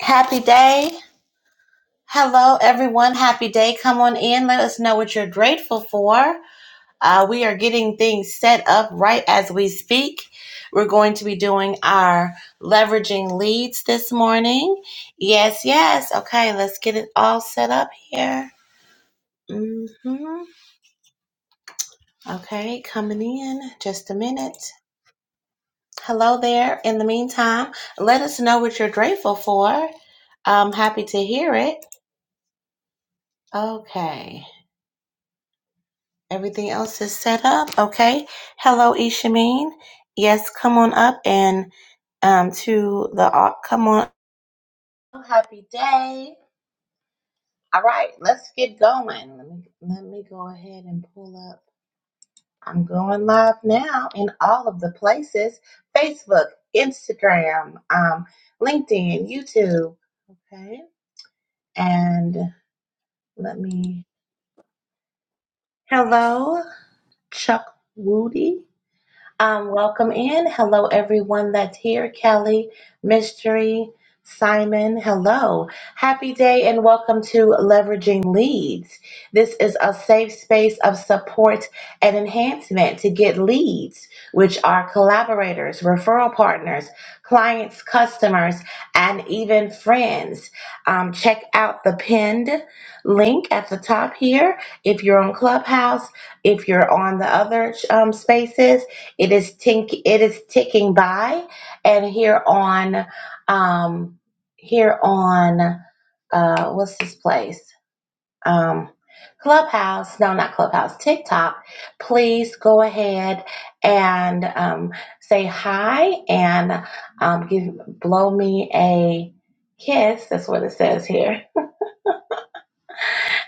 Happy day. Hello, everyone. Happy day. Come on in. Let us know what you're grateful for. Uh, we are getting things set up right as we speak. We're going to be doing our leveraging leads this morning. Yes, yes. Okay, let's get it all set up here. hmm Okay, coming in just a minute. Hello there. In the meantime, let us know what you're grateful for. I'm happy to hear it. Okay. Everything else is set up. Okay. Hello, Ishameen. Yes, come on up and um to the au- come on. Happy day. All right, let's get going. Let me let me go ahead and pull up. I'm going live now in all of the places: Facebook, Instagram, um, LinkedIn, YouTube. Okay, and let me. Hello, Chuck Woody. Um, welcome in. Hello, everyone that's here. Kelly, Mystery, Simon, hello. Happy day and welcome to Leveraging Leads. This is a safe space of support and enhancement to get leads, which are collaborators, referral partners, clients, customers, and even friends. Um, check out the pinned link at the top here if you're on Clubhouse, if you're on the other um, spaces it is tink it is ticking by and here on um here on uh what's this place? Um Clubhouse, no, not Clubhouse, TikTok. Please go ahead and um, say hi and um, give blow me a kiss. That's what it says here.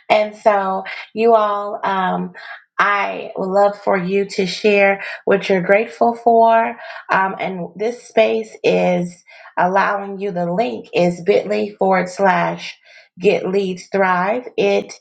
And so, you all, um, I would love for you to share what you're grateful for. Um, and this space is allowing you the link is bit.ly forward slash get leads thrive. It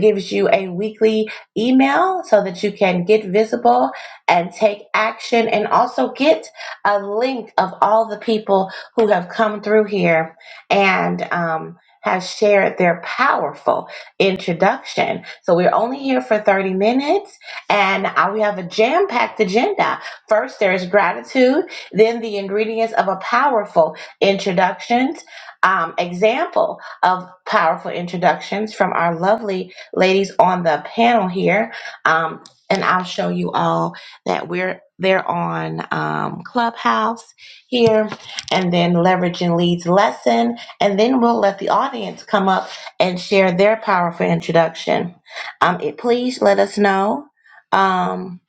gives you a weekly email so that you can get visible and take action and also get a link of all the people who have come through here and um, have shared their powerful introduction. So we're only here for 30 minutes and I, we have a jam packed agenda. First, there is gratitude, then, the ingredients of a powerful introductions. Um, example of powerful introductions from our lovely ladies on the panel here. Um, and I'll show you all that we're they're on um, Clubhouse here, and then leveraging leads lesson, and then we'll let the audience come up and share their powerful introduction. Um, it- please let us know. Um,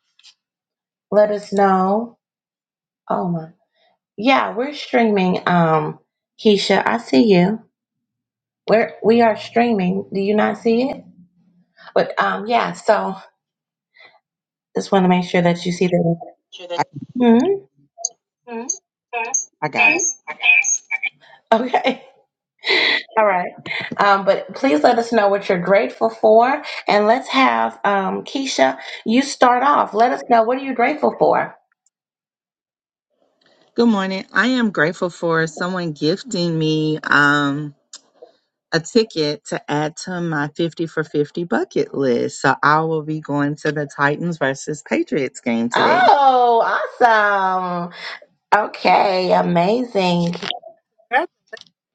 let us know. Oh my, yeah, we're streaming. Um, Keisha, I see you. We're we are streaming. Do you not see it? But um, yeah. So just want to make sure that you see the. Hmm? I got it. Okay. All right. Um, but please let us know what you're grateful for. And let's have um, Keisha, you start off. Let us know what are you grateful for? Good morning. I am grateful for someone gifting me um, a ticket to add to my 50 for 50 bucket list. So I will be going to the Titans versus Patriots game today. Oh, awesome. Okay, amazing.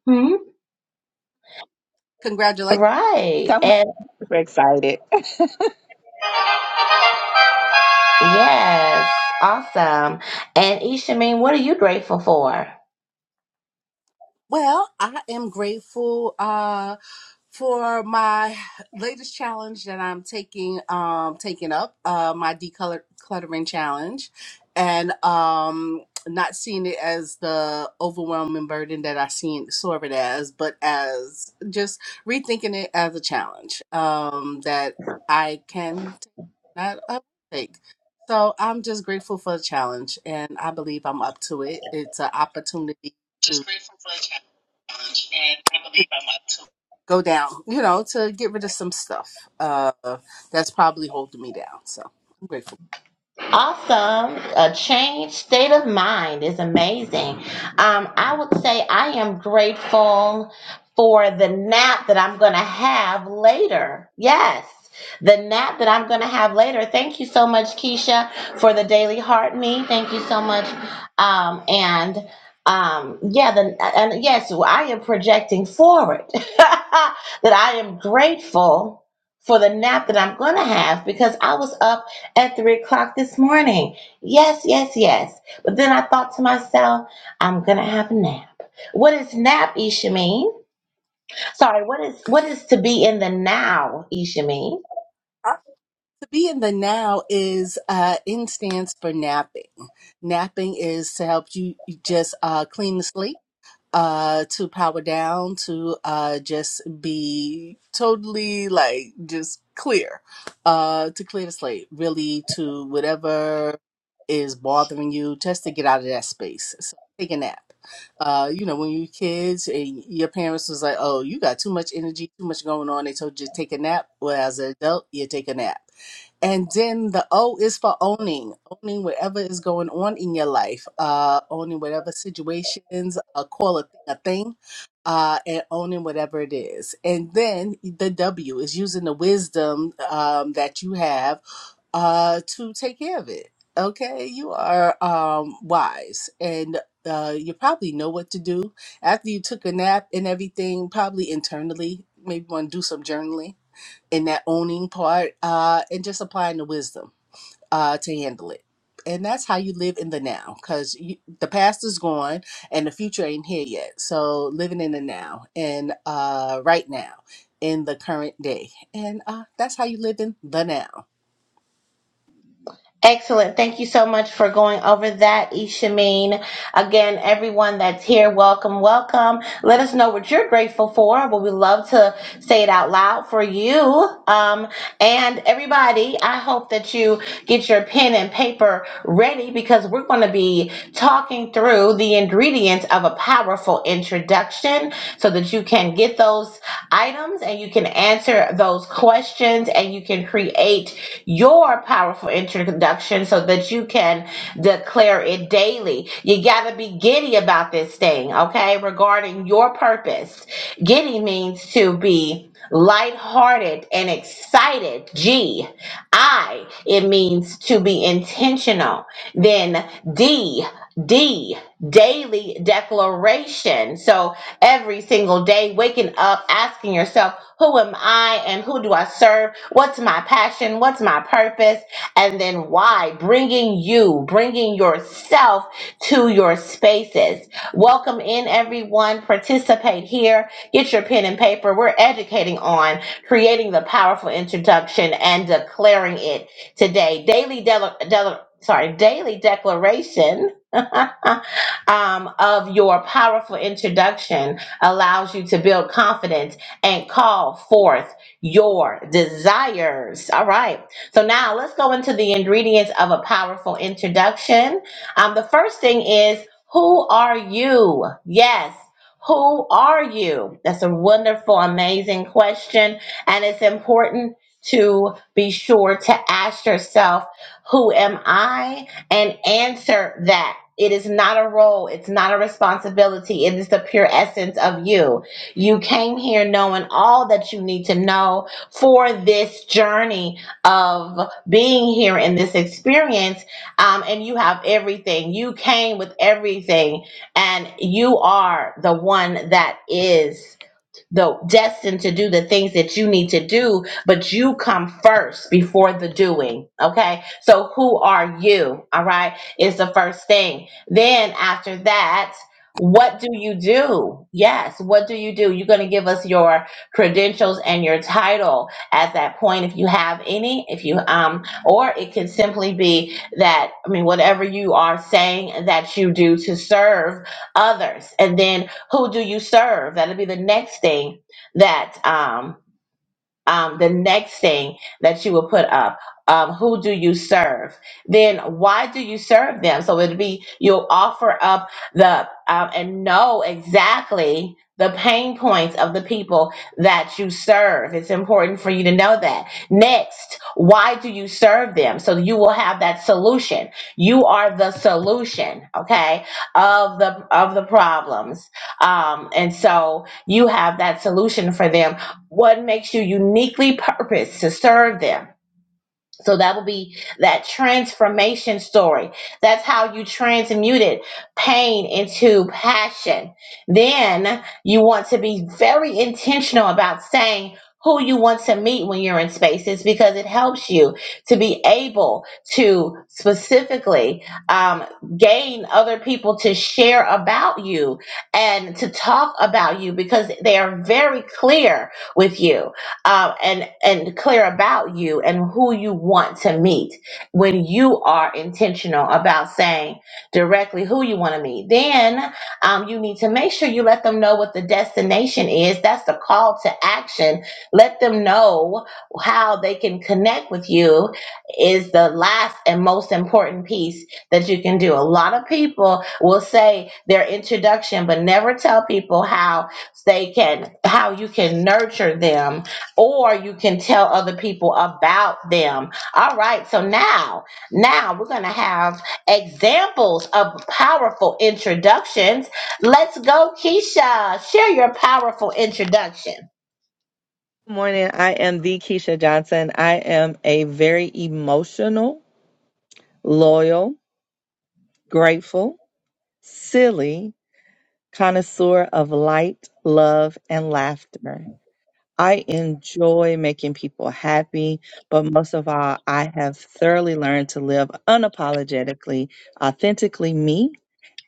Hmm? Congratulations Right. Super excited. Good Yes, awesome. And Ishamin, what are you grateful for? Well, I am grateful uh, for my latest challenge that I'm taking um, taking up uh, my decluttering challenge, and um, not seeing it as the overwhelming burden that I seen saw it as, but as just rethinking it as a challenge um, that I can take, not take. So I'm just grateful for the challenge, and I believe I'm up to it. It's an opportunity to. go down, you know, to get rid of some stuff uh, that's probably holding me down. So I'm grateful. Awesome. A changed state of mind is amazing. Um, I would say I am grateful for the nap that I'm going to have later. Yes. The nap that I'm going to have later. Thank you so much, Keisha, for the daily heart me. Thank you so much. Um, and um, yeah, the, and yes, I am projecting forward that I am grateful for the nap that I'm going to have because I was up at three o'clock this morning. Yes, yes, yes. But then I thought to myself, I'm gonna have a nap. What is nap, Ishameen? Sorry, what is what is to be in the now, Ishameen? Uh, To be in the now is uh, in stands for napping. Napping is to help you you just uh, clean the slate uh to power down to uh just be totally like just clear uh to clear the slate really to whatever is bothering you just to get out of that space so take a nap uh you know when you were kids and your parents was like oh you got too much energy too much going on they told you to take a nap well as an adult you take a nap and then the O is for owning owning whatever is going on in your life, uh, owning whatever situations, uh, call a thing a thing, uh, and owning whatever it is. And then the W is using the wisdom um, that you have uh, to take care of it. Okay, you are um, wise and uh, you probably know what to do after you took a nap and everything, probably internally. Maybe want to do some journaling in that owning part uh, and just applying the wisdom uh, to handle it. And that's how you live in the now because the past is gone and the future ain't here yet. So living in the now and uh, right now in the current day. And uh, that's how you live in the now. Excellent. Thank you so much for going over that, Ishameen. Again, everyone that's here, welcome, welcome. Let us know what you're grateful for. We would love to say it out loud for you. Um, and everybody, I hope that you get your pen and paper ready because we're going to be talking through the ingredients of a powerful introduction so that you can get those items and you can answer those questions and you can create your powerful introduction so that you can declare it daily. You got to be giddy about this thing, okay? Regarding your purpose. Giddy means to be lighthearted and excited. G. I. It means to be intentional. Then D. D. Daily declaration. So, every single day, waking up, asking yourself, who am I and who do I serve? What's my passion? What's my purpose? And then why? Bringing you, bringing yourself to your spaces. Welcome in everyone. Participate here. Get your pen and paper. We're educating on creating the powerful introduction and declaring it today. Daily, del- del- sorry, daily declaration. um, of your powerful introduction allows you to build confidence and call forth your desires. All right. So now let's go into the ingredients of a powerful introduction. Um, the first thing is who are you? Yes. Who are you? That's a wonderful, amazing question. And it's important to be sure to ask yourself, who am I? and answer that. It is not a role. It's not a responsibility. It is the pure essence of you. You came here knowing all that you need to know for this journey of being here in this experience. Um, and you have everything. You came with everything, and you are the one that is though destined to do the things that you need to do, but you come first before the doing. Okay. So who are you? All right. Is the first thing. Then after that, what do you do? Yes. What do you do? You're going to give us your credentials and your title at that point. If you have any, if you, um, or it can simply be that, I mean, whatever you are saying that you do to serve others. And then who do you serve? That'll be the next thing that um, um, the next thing that you will put up um, who do you serve then why do you serve them so it'd be you'll offer up the um, and know exactly the pain points of the people that you serve it's important for you to know that next why do you serve them so you will have that solution you are the solution okay of the of the problems um, and so you have that solution for them what makes you uniquely purposed to serve them so that will be that transformation story that's how you transmuted pain into passion then you want to be very intentional about saying who you want to meet when you're in spaces because it helps you to be able to specifically um, gain other people to share about you and to talk about you because they are very clear with you um, and and clear about you and who you want to meet when you are intentional about saying directly who you want to meet then um, you need to make sure you let them know what the destination is that's the call to action let them know how they can connect with you is the last and most important piece that you can do a lot of people will say their introduction but never tell people how they can how you can nurture them or you can tell other people about them. All right, so now, now we're going to have examples of powerful introductions. Let's go, Keisha. Share your powerful introduction. morning. I am the Keisha Johnson. I am a very emotional, loyal, grateful, silly connoisseur of light, love, and laughter. I enjoy making people happy, but most of all, I have thoroughly learned to live unapologetically, authentically me.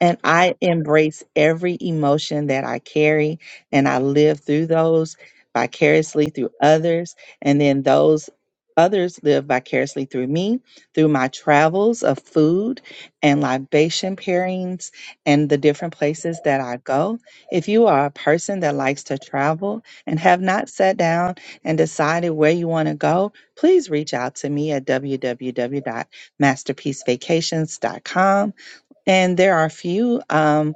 And I embrace every emotion that I carry, and I live through those vicariously through others. And then those others live vicariously through me, through my travels of food and libation pairings and the different places that I go. If you are a person that likes to travel, and have not sat down and decided where you want to go, please reach out to me at www.masterpiecevacations.com. And there are a few. um,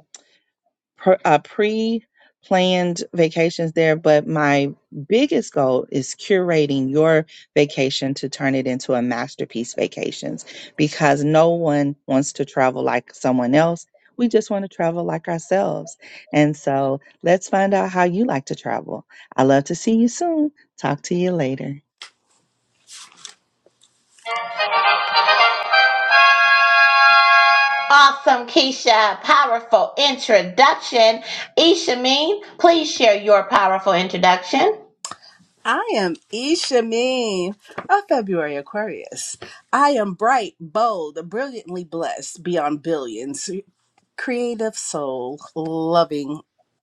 per, uh, pre-planned vacations there but my biggest goal is curating your vacation to turn it into a masterpiece vacations because no one wants to travel like someone else we just want to travel like ourselves and so let's find out how you like to travel i love to see you soon talk to you later Awesome, Keisha. Powerful introduction. Ishameen, please share your powerful introduction. I am Isha Mean, a February Aquarius. I am bright, bold, brilliantly blessed beyond billions, creative soul, loving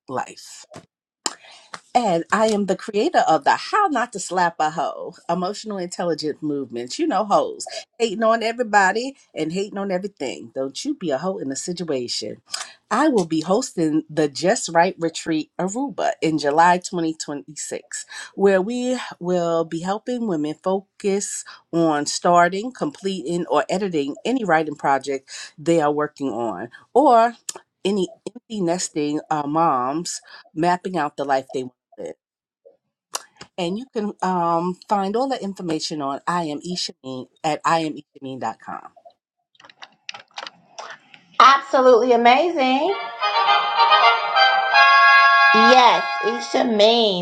life. And I am the creator of the How Not to Slap a Hoe Emotional Intelligence Movement. You know, hoes hating on everybody and hating on everything. Don't you be a hoe in a situation. I will be hosting the Just Right Retreat Aruba in July 2026, where we will be helping women focus on starting, completing, or editing any writing project they are working on or any empty nesting uh, moms mapping out the life they want it. And you can um, find all that information on I am Ishameen at iameishameen.com. Absolutely amazing. Yes, Isha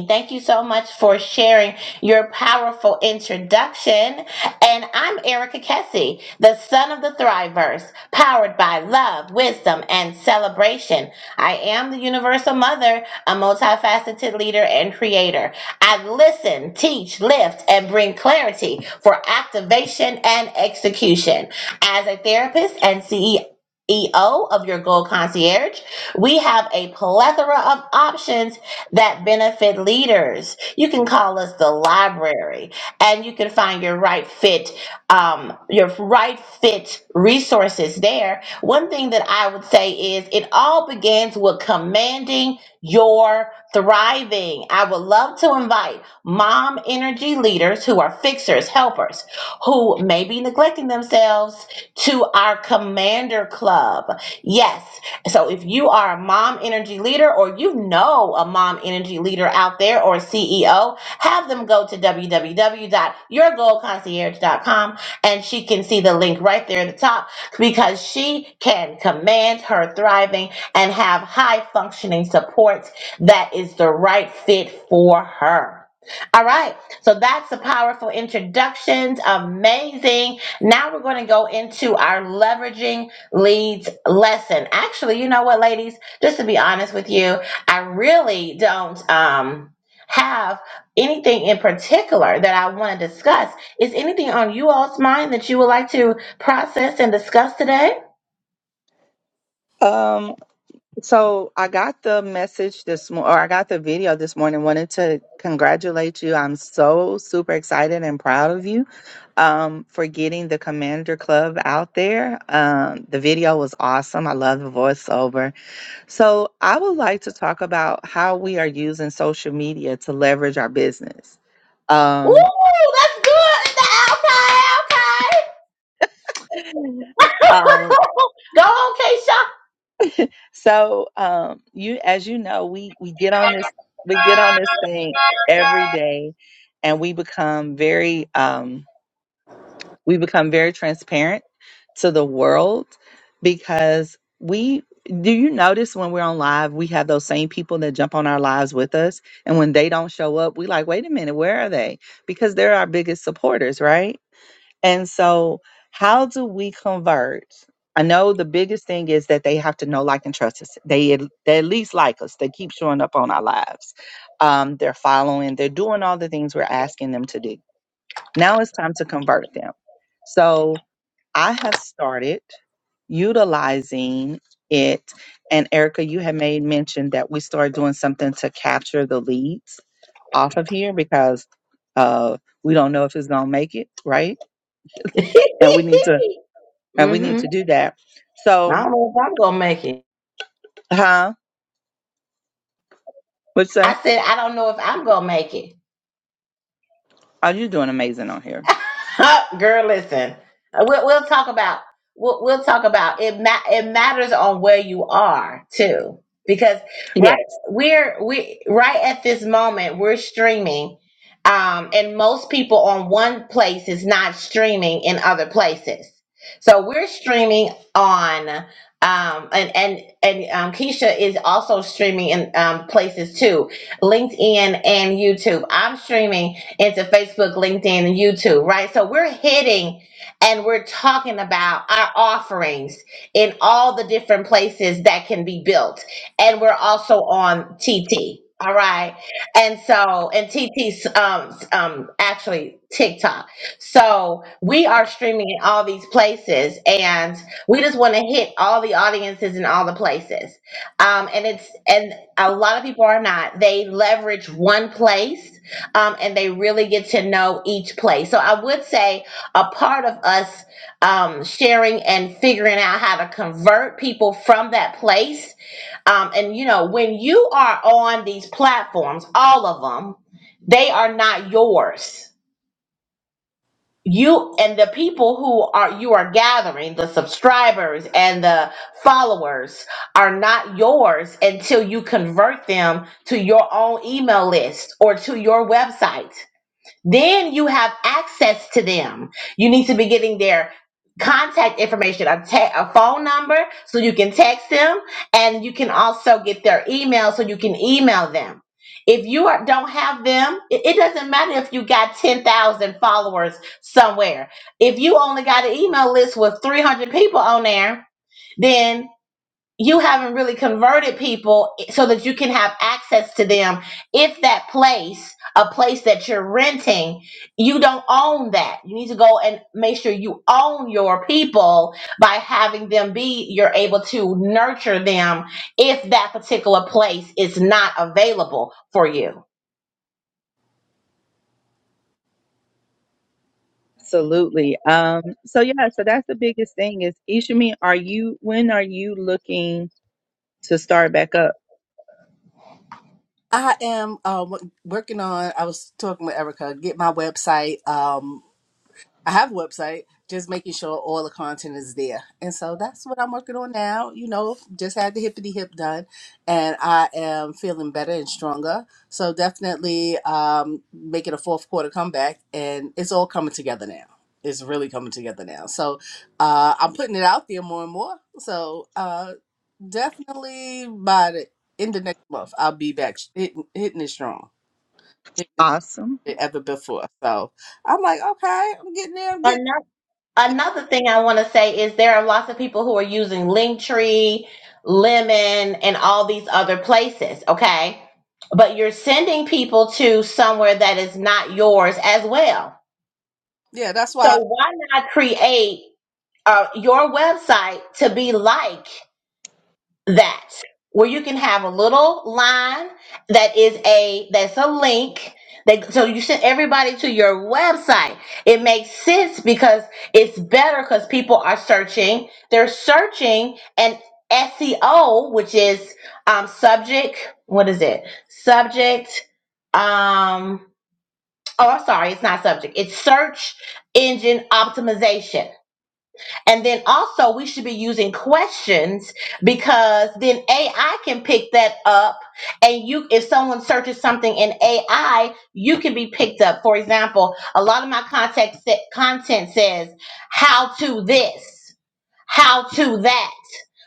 Thank you so much for sharing your powerful introduction. And I'm Erica Kessie, the son of the Thrivers, powered by love, wisdom, and celebration. I am the universal mother, a multifaceted leader and creator. I listen, teach, lift, and bring clarity for activation and execution. As a therapist and CEO of your Goal Concierge, we have a plethora of options that benefit leaders. You can call us the library, and you can find your right fit, um, your right fit resources there. One thing that I would say is it all begins with commanding your thriving. I would love to invite mom energy leaders who are fixers, helpers, who may be neglecting themselves to our commander club. Yes. So if you are a mom energy leader or you know a mom energy leader out there or a CEO, have them go to w w w dot your goal concierge dot com and she can see the link right there at the top because she can command her thriving and have high functioning support that is the right fit for her. All right, so that's the powerful introductions. Amazing. Now we're going to go into our leveraging leads lesson. Actually, you know what, ladies? Just to be honest with you, I really don't um have anything in particular that I want to discuss. Is anything on you all's mind that you would like to process and discuss today? Um So I got the message this morning, or I got the video this morning. Wanted to congratulate you. I'm so super excited and proud of you um, for getting the Commander Club out there. Um, the video was awesome. I love the voiceover. So I would like to talk about how we are using social media to leverage our business. Um, Ooh, that's good. Okay, okay. um, Go on, Keisha. So um you as you know, we we get on this we get on this thing every day and we become very um we become very transparent to the world because we do you notice when we're on live we have those same people that jump on our lives with us and when they don't show up we like wait a minute where are they because they're our biggest supporters right and so, how do we convert? I know the biggest thing is that they have to know, like, and trust us. They at- they at least like us. They keep showing up on our lives. Um, they're following. They're doing all the things we're asking them to do. Now it's time to convert them. So I have started utilizing it. And Erica, you had made mention that we started doing something to capture the leads off of here because uh, we don't know if it's gonna make it right, and we need to and we need mm-hmm. to do that. I So, don't know if I'm gonna make it. huh? What's I that? said I don't know if I'm gonna make it. Are you doing amazing on here? Girl, listen. Uh, We'll, we'll talk about we'll, we'll talk about it. Ma- it matters on where you are too, because Yes, right we're we right at this moment we're streaming, um, and most people on one place is not streaming in other places. So we're streaming on um and and and um, Keisha is also streaming in um, places too, LinkedIn and YouTube. I'm streaming into Facebook, LinkedIn, and YouTube, right? So we're hitting and we're talking about our offerings in all the different places that can be built. And we're also on TT. All right. And so, and TT's um, um, actually TikTok. So we are streaming in all these places and we just want to hit all the audiences in all the places. Um, and it's, and a lot of people are not. They leverage one place um, and they really get to know each place. So I would say a part of us um, sharing and figuring out how to convert people from that place. Um, and you know, when you are on these platforms, all of them, they are not yours. You and the people who are you are gathering, the subscribers and the followers are not yours until you convert them to your own email list or to your website then you have access to them. You need to be getting their contact information, a, te- a phone number, so you can text them, and you can also get their email so you can email them. If you are, don't have them, it, it doesn't matter if you got 10,000 followers somewhere. If you only got an email list with 300 people on there, then you haven't really converted people so that you can have access to them if that place a place that you're renting you don't own that you need to go and make sure you own your people by having them be you're able to nurture them if that particular place is not available for you absolutely. Um, so yeah, so that's the biggest thing is Ishimi, are you when are you looking to start back up? I am uh, w- working on. I was talking with Erica. Get my website. Um, I have a website. Just making sure all the content is there, and so that's what I'm working on now. You know, just had the hippity hip done, and I am feeling better and stronger. So definitely um, making a fourth quarter comeback, and it's all coming together now. It's really coming together now. So uh, I'm putting it out there more and more. So Uh, Definitely by the end of next month, I'll be back sh- hitting, hitting it strong, hitting it Awesome. than ever before. So I'm like, okay, I'm getting there. I'm getting. Another thing I want to say is there are lots of people who are using Linktree, Lemon, and all these other places, okay? But you're sending people to somewhere that is not yours as well. Yeah, that's So why. why not create uh, your website to be like that where you can have a little line that is a that's a link that so you send everybody to your website it makes sense because it's better because people are searching they're searching and seo which is um subject what is it subject um oh i'm sorry it's not subject it's search engine optimization and then also we should be using questions because then AI can pick that up and you if someone searches something in AI, you can be picked up. For example, a lot of my contact sa- content says how to this how to that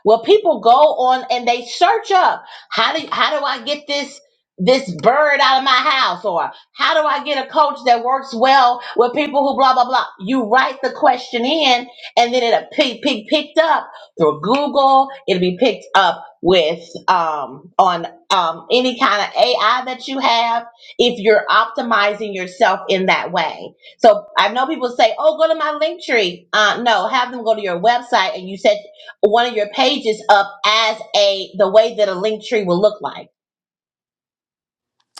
well people go on and they search up how do how do i get this this bird out of my house or how do i get a coach that works well with people who blah blah blah you write the question in and then it'll pick, pick, picked up through google it'll be picked up with um on um any kind of ai that you have if you're optimizing yourself in that way so I know people say, "Oh, go to my link tree." Uh, no, have them go to your website and you set one of your pages up as a the way that a link tree will look like.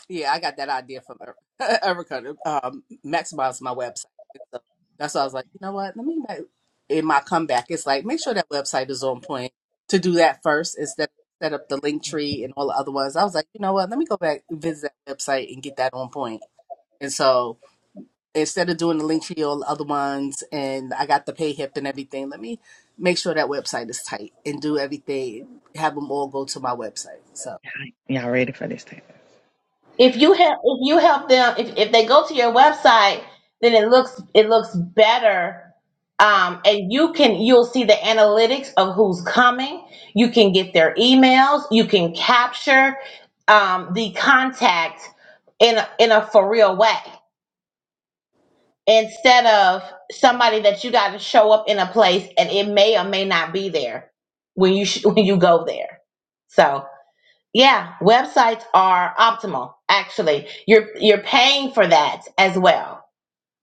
Yeah, I got that idea from Er- Erica to um, maximize my website. So that's why I was like, you know what? Let me make in my comeback. It's like make sure that website is on point. To do that first instead of set up the link tree and all the other ones. I was like, you know what? Let me go back and visit that website and get that on point. And so. instead of doing the link tree all the other ones and I got the pay hip and everything, let me make sure that website is tight and do everything, have them all go to my website. So, Y'all ready for this? thing? If you help, if you help them, if, if they go to your website, then it looks it looks better. Um, and you can you'll see the analytics of who's coming. You can get their emails. You can capture um, the contact in a, in a for real way. instead of somebody that you got to show up in a place and it may or may not be there when you sh- when you go there. So yeah, websites are optimal. Actually, you're you're paying for that as well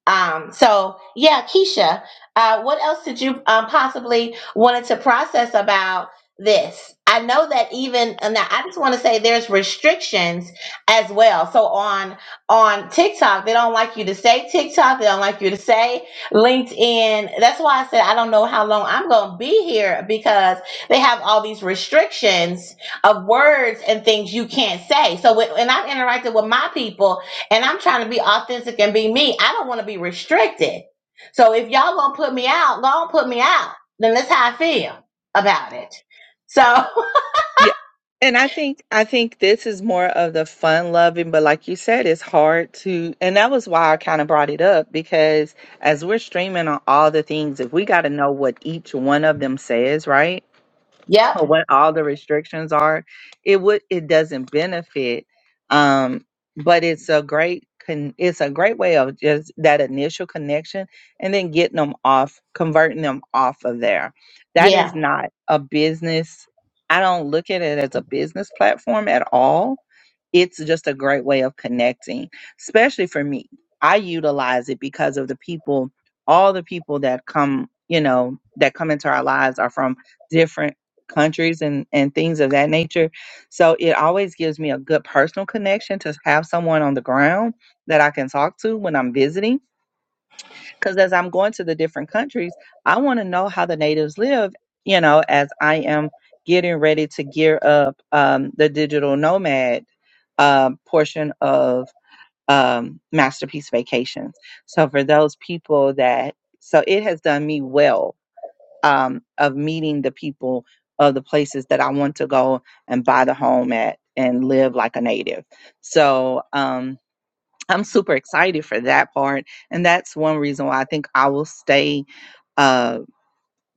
um, so yeah, Keisha, uh, what else did you um, possibly wanted to process about this? I know that even and now, I just want to say there's restrictions as well. So on on TikTok, they don't like you to say TikTok. They don't like you to say LinkedIn. That's why I said I don't know how long I'm going to be here because they have all these restrictions of words and things you can't say. So when, when I've interacted with my people, and I'm trying to be authentic and be me. I don't want to be restricted. So if y'all gonna put me out, go on put me out. Then that's how I feel about it. So, Yeah. And I think I think this is more of the fun loving, but like you said, it's hard to and that was why I kind of brought it up because as we're streaming on all the things, if we got to know what each one of them says, right? yep, or what all the restrictions are it would it doesn't benefit um but it's a great con- it's a great way of just that initial connection and then getting them off converting them off of there that yeah, is not a business i don't look at it as a business platform at all it's just a great way of connecting, especially for me. I utilize it because of the people, all the people that come, you know, that come into our lives are from different countries and and things of that nature. So it always gives me a good personal connection to have someone on the ground that I can talk to when I'm visiting because as I'm going to the different countries, I want to know how the natives live, you know, as I am getting ready to gear up um, the digital nomad um, portion of um, Masterpiece Vacations. So for those people that, so it has done me well um, of meeting the people of the places that I want to go and buy the home at and live like a native. So, um, I'm super excited for that part. And that's one reason why I think I will stay uh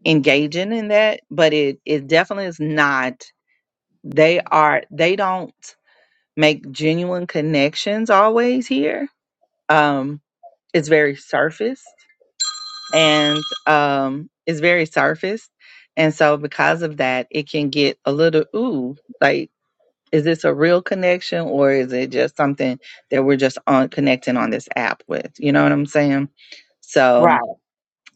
engaging in that. But it it definitely is not they are they don't make genuine connections always here. Um it's very surfaced and um it's very surfaced. And so because of that it can get a little ooh like Is this a real connection or is it just something that we're just on connecting on this app with? You know what I'm saying? right. So,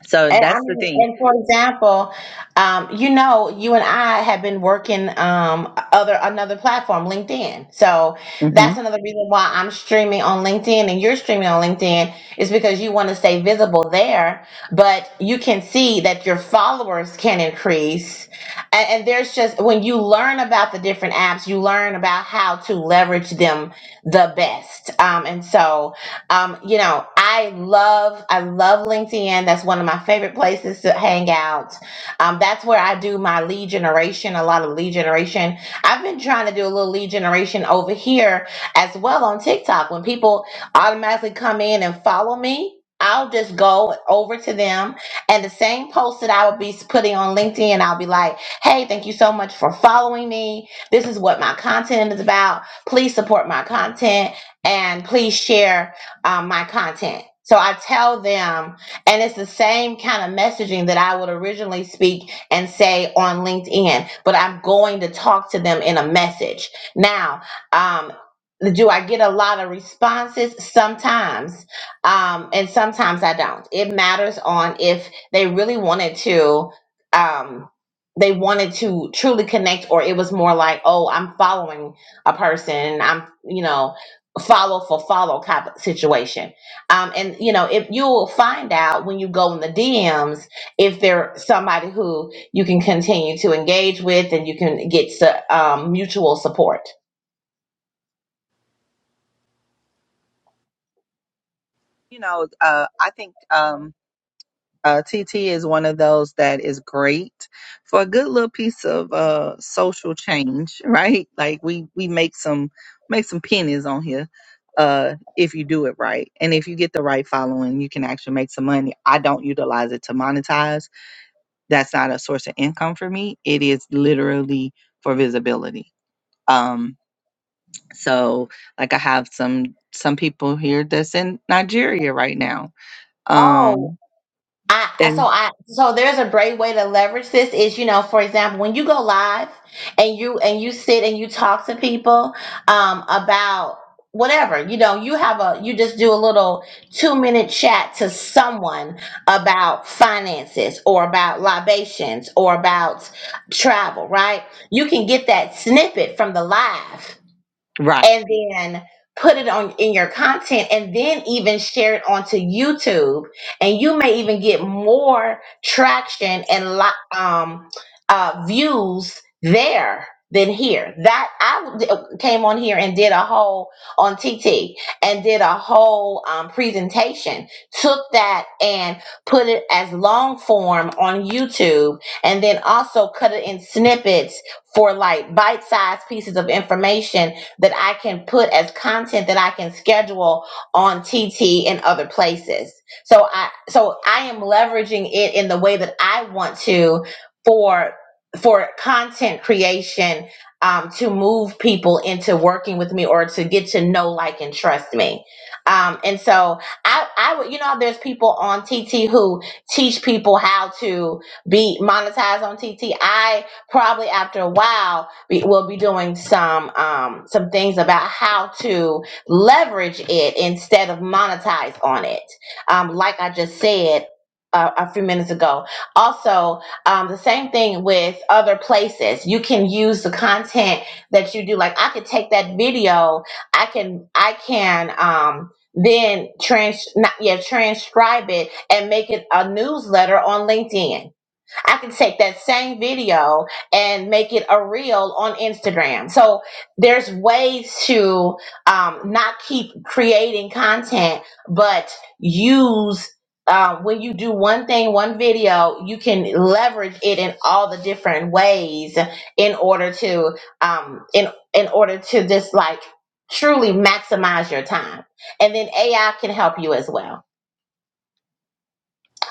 so And I that's the mean, thing. and for example, um, you know, you and I have been working um other another platform, LinkedIn. So hmm that's another reason why I'm streaming on LinkedIn and you're streaming on LinkedIn is because you want to stay visible there, but you can see that your followers can increase. And, and there's just when you learn about the different apps, you learn about how to leverage them the best. Um, and so um, you know, I love I love LinkedIn. That's one of my favorite places to hang out. Um, that's where I do my lead generation, a lot of lead generation. I've been trying to do a little lead generation over here as well on TikTok. When people automatically come in and follow me, I'll just go over to them and the same post that I would be putting on LinkedIn, I'll be like, "Hey, thank you so much for following me. This is what my content is about. Please support my content and please share." um, my content. So I tell them, and it's the same kind of messaging that I would originally speak and say on LinkedIn, but I'm going to talk to them in a message. Now, um, do I get a lot of responses? Sometimes, um, and sometimes I don't. It matters on if they really wanted to. Um, they wanted to truly connect, or it was more like, oh, I'm following a person. I'm, you know, follow for follow kind of situation. Um, and you know, if you will find out when you go in the DMs if they're somebody who you can continue to engage with and you can get su- um, mutual support. You know, uh, I think um, uh, TT is one of those that is great for a good little piece of uh, social change, right? Like we we make some make some pennies on here uh if you do it right and if you get the right following you can actually make some money i don't utilize it to monetize that's not a source of income for me. It is literally for visibility. Um, so like I have some some people here that's in Nigeria right now. Oh, Um, I so and I so there's a great way to leverage this is you know for example when you go live and you and you sit and you talk to people um about whatever you know you have a you just do a little 2 minute chat to someone about finances or about libations or about travel right you can get that snippet from the live right and then put it on in your content and then even share it onto YouTube and you may even get more traction and li- um uh views there than here that I d- uh, came on here and did a whole on TT and did a whole um, presentation took that and put it as long form on YouTube and then also cut it in snippets for like bite-sized pieces of information that I can put as content that I can schedule on TT and other places. So I so I am leveraging it in the way that I want to for for content creation um, to move people into working with me or to get to know, like, and trust me. Um, and so I, I would, you know, there's people on TT who teach people how to be monetized on TT. I probably after a while we will be doing some um, some things about how to leverage it instead of monetize on it. Um, like I just said. Uh, a few minutes ago. Also, um, the same thing with other places. You can use the content that you do. Like I could take that video. I can I can um, then trans not yeah transcribe it and make it a newsletter on LinkedIn I can take that same video and make it a reel on Instagram. So there's ways to um, not keep creating content, but use. Uh, when you do one thing, one video, you can leverage it in all the different ways in order to um, in in order to just like truly maximize your time. And then AI can help you as well.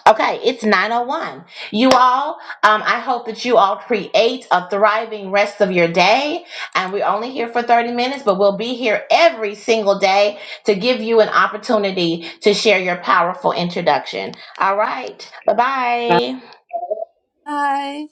Okay, it's 901. You all, um, I hope that you all create a thriving rest of your day. And we're only here for 30 minutes, but we'll be here every single day to give you an opportunity to share your powerful introduction. All right, bye bye. hi.